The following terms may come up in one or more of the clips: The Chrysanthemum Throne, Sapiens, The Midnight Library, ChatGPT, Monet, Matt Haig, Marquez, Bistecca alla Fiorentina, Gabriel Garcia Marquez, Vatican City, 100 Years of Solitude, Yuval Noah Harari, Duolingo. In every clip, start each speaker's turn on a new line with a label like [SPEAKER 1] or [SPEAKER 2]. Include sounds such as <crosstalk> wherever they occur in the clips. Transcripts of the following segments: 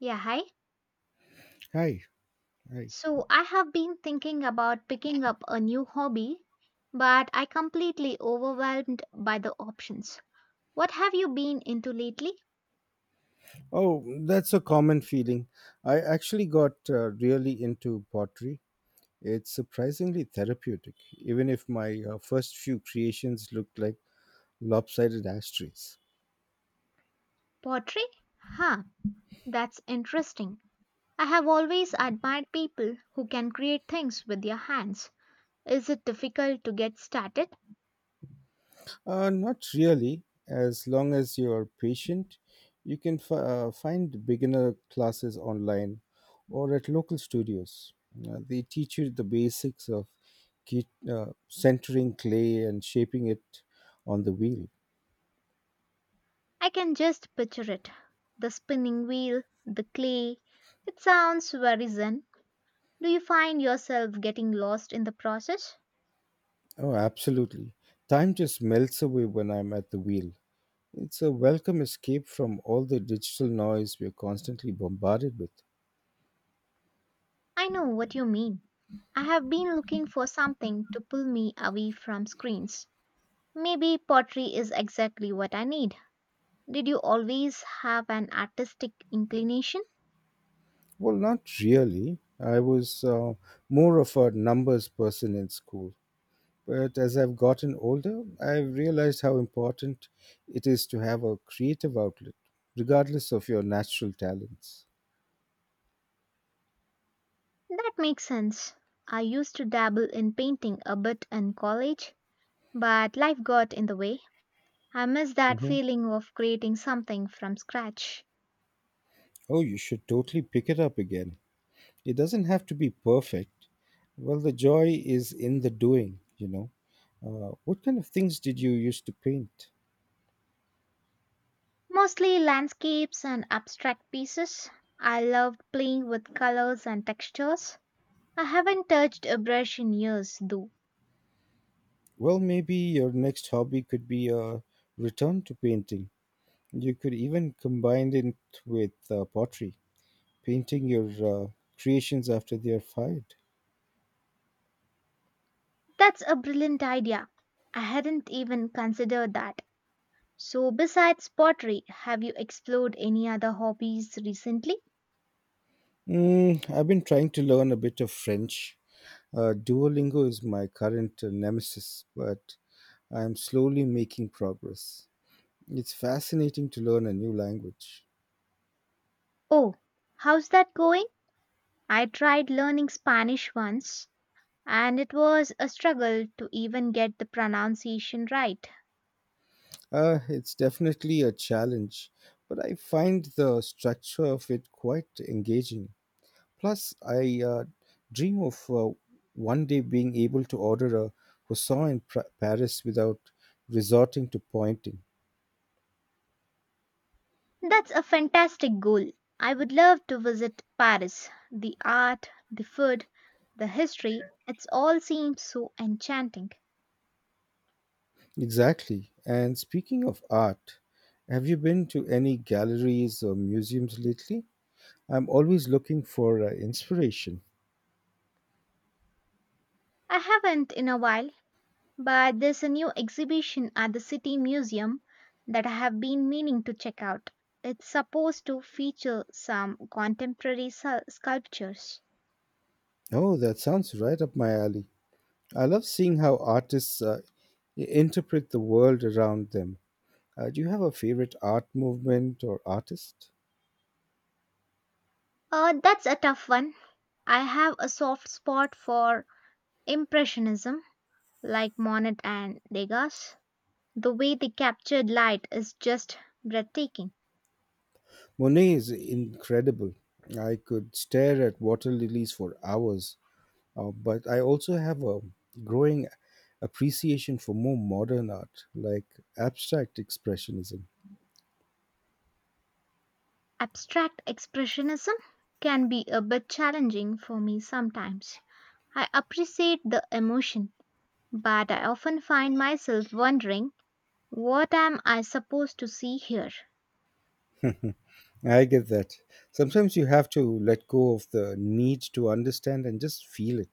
[SPEAKER 1] Yeah, hi.
[SPEAKER 2] Hi, hi.
[SPEAKER 1] So I have been thinking about picking up a new hobby, but I completely overwhelmed by the options. What have you been into lately?
[SPEAKER 2] Oh, that's a common feeling. I actually got really into pottery. It's surprisingly therapeutic, even if my first few creations looked like lopsided ashtrays.
[SPEAKER 1] Pottery? Huh, that's interesting. I have always admired people who can create things with their hands. Is it difficult to get started?
[SPEAKER 2] Not really. As long as you're patient, you can find beginner classes online or at local studios. They teach you the basics of centering clay and shaping it on the wheel.
[SPEAKER 1] I can just picture it. The spinning wheel, the clay. It sounds very zen. Do you find yourself getting lost in the process?
[SPEAKER 2] Oh, absolutely. Time just melts away when I'm at the wheel. It's a welcome escape from all the digital noise we're constantly bombarded with.
[SPEAKER 1] I know what you mean. I have been looking for something to pull me away from screens. Maybe pottery is exactly what I need. Did you always have an artistic inclination?
[SPEAKER 2] Well, not really. I was more of a numbers person in school. But as I've gotten older, I've realized how important it is to have a creative outlet, regardless of your natural talents.
[SPEAKER 1] That makes sense. I used to dabble in painting a bit in college, but life got in the way. I miss that
[SPEAKER 2] Hmm.
[SPEAKER 1] feeling of creating something from scratch.
[SPEAKER 2] Oh, you should totally pick it up again. It doesn't have to be perfect. Well, the joy is in the doing. What kind of things did you used to paint?
[SPEAKER 1] Mostly landscapes and abstract pieces. I loved playing with colors and textures. I haven't touched a brush in years, though.
[SPEAKER 2] Well, maybe your next hobby could be a return to painting. You could even combine it with pottery, painting your creations after they are fired.
[SPEAKER 1] That's a brilliant idea. I hadn't even considered that. So, besides pottery, have you explored any other hobbies recently?
[SPEAKER 2] I've been trying to learn a bit of French. Duolingo is my current nemesis, but I'm slowly making progress. It's fascinating to learn a new language.
[SPEAKER 1] Oh, how's that going? I tried learning Spanish once, and it was a struggle to even get the pronunciation right.
[SPEAKER 2] It's definitely a challenge, but I find the structure of it quite engaging. Plus, I dream of one day being able to order a croissant in Paris without resorting to pointing.
[SPEAKER 1] That's a fantastic goal. I would love to visit Paris. The art, the food, the history, it all seems so enchanting.
[SPEAKER 2] Exactly. And speaking of art, have you been to any galleries or museums lately? I'm always looking for inspiration.
[SPEAKER 1] I haven't in a while, but there's a new exhibition at the City Museum that I have been meaning to check out. It's supposed to feature some contemporary sculptures.
[SPEAKER 2] Oh, that sounds right up my alley. I love seeing how artists interpret the world around them. Do you have a favorite art movement or artist?
[SPEAKER 1] That's a tough one. I have a soft spot for Impressionism, like Monet and Degas. The way they captured light is just breathtaking.
[SPEAKER 2] Monet is incredible. I could stare at water lilies for hours, but I also have a growing appreciation for more modern art, like abstract expressionism.
[SPEAKER 1] Abstract Expressionism can be a bit challenging for me sometimes. I appreciate the emotion but I often find myself wondering what am I supposed to see here?
[SPEAKER 2] I get that. Sometimes you have to let go of the need to understand and just feel it.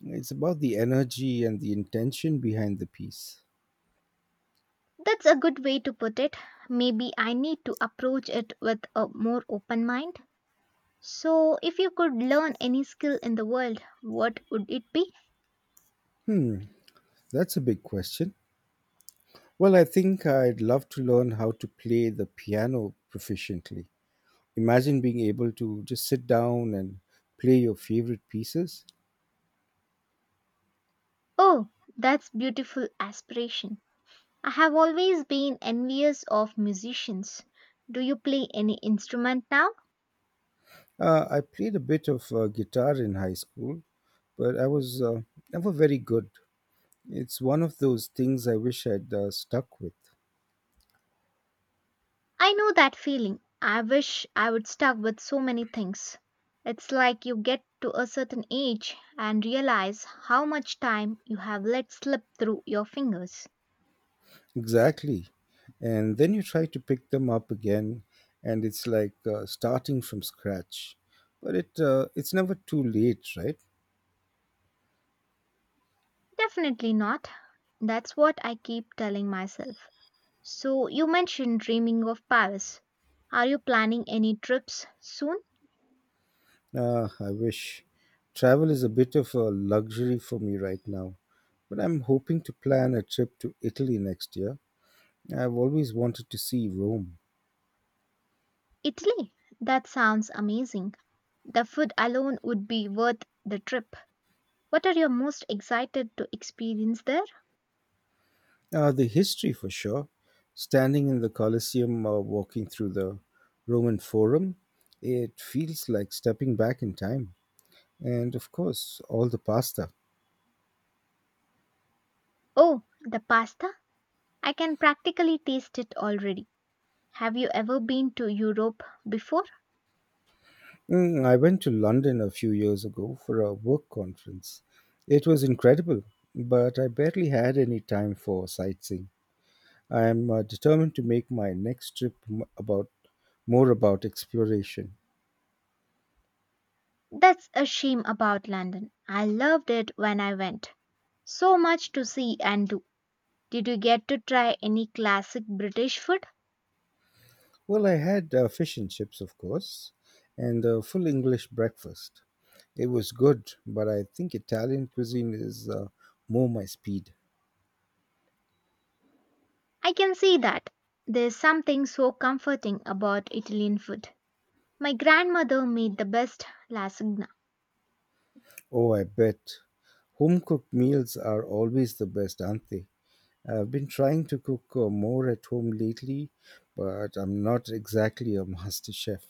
[SPEAKER 2] It's about the energy and the intention behind the piece.
[SPEAKER 1] That's a good way to put it. Maybe I need to approach it with a more open mind. So, if you could learn any skill in the world, what would it be?
[SPEAKER 2] That's a big question. Well, I think I'd love to learn how to play the piano proficiently. Imagine being able to just sit down and play your favorite pieces.
[SPEAKER 1] Oh, that's beautiful aspiration. I have always been envious of musicians. Do you play any instrument now?
[SPEAKER 2] I played a bit of guitar in high school, but I was never very good. It's one of those things I wish I'd stuck with.
[SPEAKER 1] I know that feeling. I wish I would stuck with so many things. It's like you get to a certain age and realize how much time you have let slip through your fingers.
[SPEAKER 2] Exactly. And then you try to pick them up again, and it's like starting from scratch. But it's never too late, right?
[SPEAKER 1] Definitely not. That's what I keep telling myself. So, you mentioned dreaming of Paris. Are you planning any trips soon?
[SPEAKER 2] I wish. Travel is a bit of a luxury for me right now, but I'm hoping to plan a trip to Italy next year. I've always wanted to see Rome.
[SPEAKER 1] Italy. That sounds amazing. The food alone would be worth the trip. What are you most excited to experience there?
[SPEAKER 2] The history for sure. Standing in the Colosseum or walking through the Roman Forum, it feels like stepping back in time. And of course, all the pasta.
[SPEAKER 1] Oh, the pasta. I can practically taste it already. Have you ever been to Europe before?
[SPEAKER 2] I went to London a few years ago for a work conference. It was incredible, but I barely had any time for sightseeing. I am determined to make my next trip m- about more about exploration.
[SPEAKER 1] That's a shame about London. I loved it when I went. So much to see and do. Did you get to try any classic British food?
[SPEAKER 2] Well, I had fish and chips, of course, and a full English breakfast. It was good, but I think Italian cuisine is more my speed.
[SPEAKER 1] I can see that. There's something so comforting about Italian food. My grandmother made the best lasagna.
[SPEAKER 2] Oh, I bet. Home cooked meals are always the best, aren't they? I've been trying to cook more at home lately, but I'm not exactly a <laughs> master chef.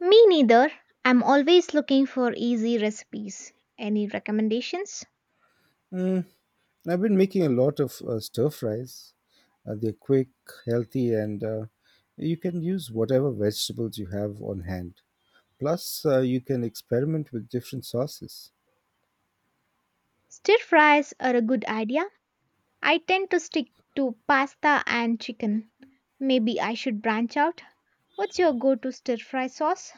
[SPEAKER 1] Me neither. I'm always looking for easy recipes. Any recommendations?
[SPEAKER 2] Mm, I've been making a lot of stir fries. They're quick, healthy, and you can use whatever vegetables you have on hand. Plus, you can experiment with different sauces.
[SPEAKER 1] Stir fries are a good idea. I tend to stick to pasta and chicken. Maybe I should branch out. What's your go to stir fry sauce?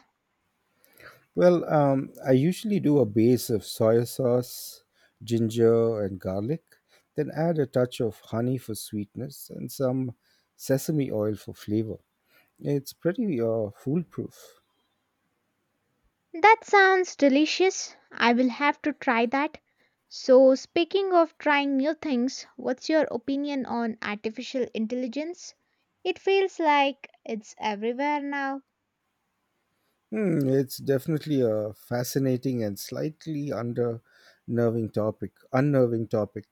[SPEAKER 2] Well, I usually do a base of soy sauce, ginger, and garlic, then add a touch of honey for sweetness and some sesame oil for flavor. It's pretty foolproof.
[SPEAKER 1] That sounds delicious. I will have to try that. So, speaking of trying new things, what's your opinion on artificial intelligence? It feels like it's everywhere now.
[SPEAKER 2] It's definitely a fascinating and slightly unnerving topic.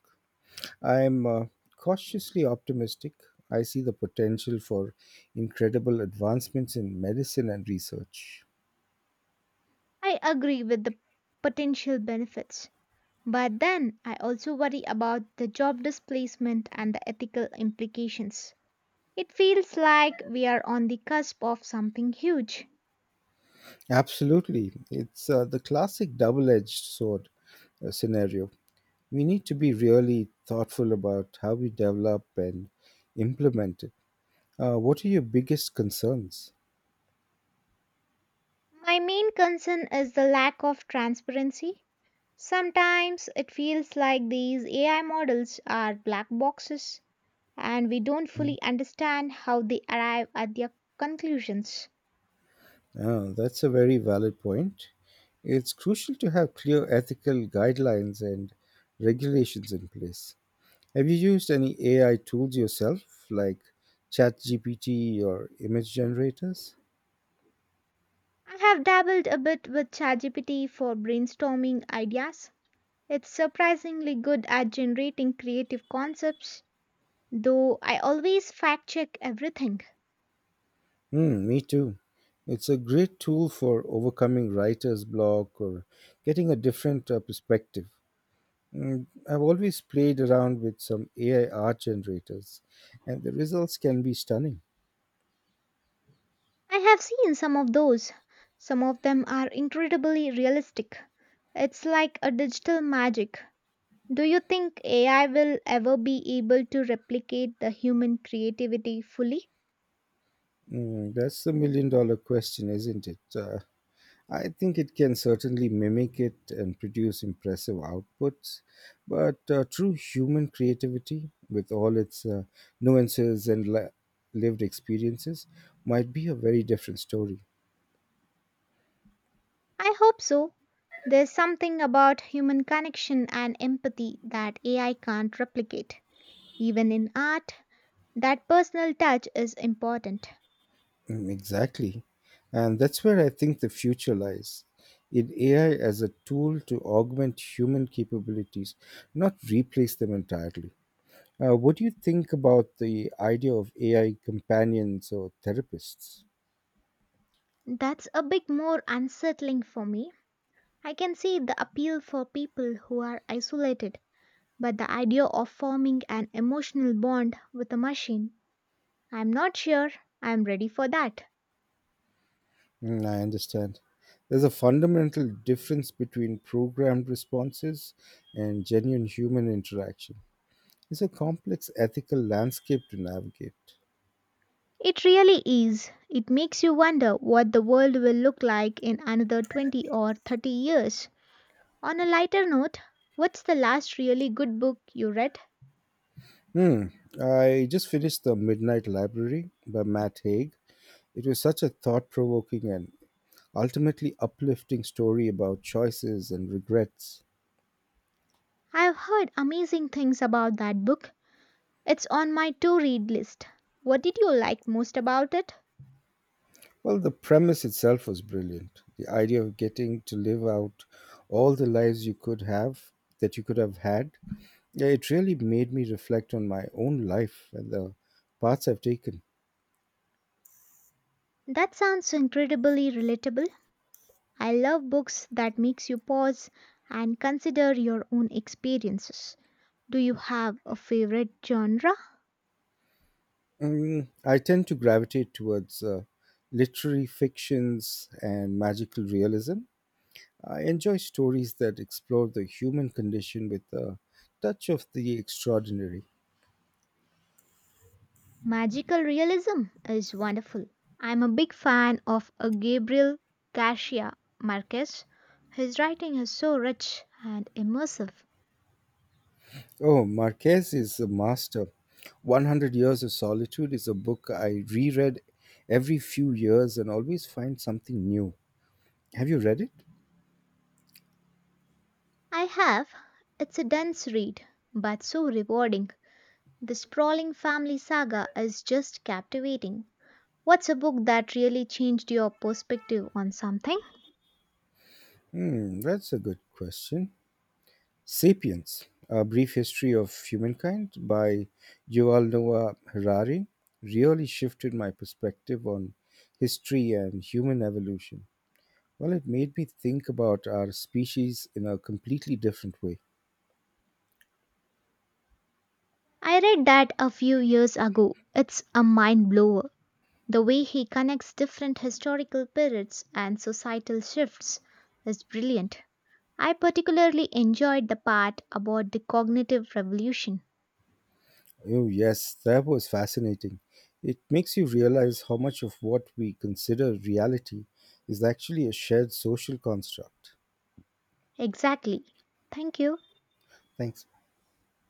[SPEAKER 2] I'm cautiously optimistic. I see the potential for incredible advancements in medicine and research.
[SPEAKER 1] I agree with the potential benefits, but then I also worry about the job displacement and the ethical implications. It feels like we are on the cusp of something huge.
[SPEAKER 2] Absolutely. It's the classic double edged sword scenario. We need to be really thoughtful about how we develop and implement it. What are your biggest concerns?
[SPEAKER 1] My main concern is the lack of transparency. Sometimes it feels like these AI models are black boxes and we don't fully understand how they arrive at their conclusions.
[SPEAKER 2] Oh, that's a very valid point. It's crucial to have clear ethical guidelines and regulations in place. Have you used any AI tools yourself, like ChatGPT or image generators?
[SPEAKER 1] I have dabbled a bit with ChatGPT for brainstorming ideas. It's surprisingly good at generating creative concepts, though I always fact check everything.
[SPEAKER 2] Me too. It's a great tool for overcoming writer's block or getting a different perspective. I've always played around with some AI art generators, and the results can be stunning.
[SPEAKER 1] I have seen some of those. Some of them are incredibly realistic. It's like a digital magic. Do you think AI will ever be able to replicate the human creativity fully?
[SPEAKER 2] That's the million dollar question, isn't it? I think it can certainly mimic it and produce impressive outputs, but true human creativity, with all its nuances and lived experiences, might be a very different story.
[SPEAKER 1] I hope so. There's something about human connection and empathy that AI can't replicate. Even in art, that personal touch is important.
[SPEAKER 2] Mm, exactly. And that's where I think the future lies in AI as a tool to augment human capabilities, not replace them entirely. What do you think about the idea of AI companions or therapists?
[SPEAKER 1] That's a bit more unsettling for me. I can see the appeal for people who are isolated. But the idea of forming an emotional bond with a machine, I'm not sure I'm ready for that.
[SPEAKER 2] I understand. There's a fundamental difference between programmed responses and genuine human interaction. It's a complex ethical landscape to navigate.
[SPEAKER 1] It really is. It makes you wonder what the world will look like in another 20 or 30 years. On a lighter note, what's the last really good book you read?
[SPEAKER 2] Hmm. I just finished The Midnight Library by Matt Haig. It was such a thought provoking and ultimately uplifting story about choices and regrets.
[SPEAKER 1] I've heard amazing things about that book. It's on my to read list. What did you like most about it?
[SPEAKER 2] Well, the premise itself was brilliant. The idea of getting to live out all the lives you could have that you could have had. Yeah, it really made me reflect on my own life and the paths I've taken.
[SPEAKER 1] That sounds incredibly relatable. I love books that makes you pause and consider your own experiences. Do you have a favorite genre?
[SPEAKER 2] I tend to gravitate towards literary fictions and magical realism. I enjoy stories that explore the human condition with a touch of the extraordinary.
[SPEAKER 1] Magical realism is wonderful. I'm a big fan of Gabriel Garcia Marquez. His writing is so rich and immersive.
[SPEAKER 2] Oh, Marquez is a master. 100 Years of Solitude is a book I reread every few years and always find something new. Have you read it?
[SPEAKER 1] I have. It's a dense read, but so rewarding. The sprawling family saga is just captivating. What's a book that really changed your perspective on something?
[SPEAKER 2] That's a good question. Sapiens, A Brief History of Humankind by Yuval Noah Harari really shifted my perspective on history and human evolution. Well, it made me think about our species in a completely different way.
[SPEAKER 1] I read that a few years ago. It's a mind blower. The way he connects different historical periods and societal shifts is brilliant. I particularly enjoyed the part about the cognitive revolution.
[SPEAKER 2] Oh, yes, that was fascinating. It makes you realize how much of what we consider reality is actually a shared social construct.
[SPEAKER 1] Exactly. Thank you.
[SPEAKER 2] Thanks.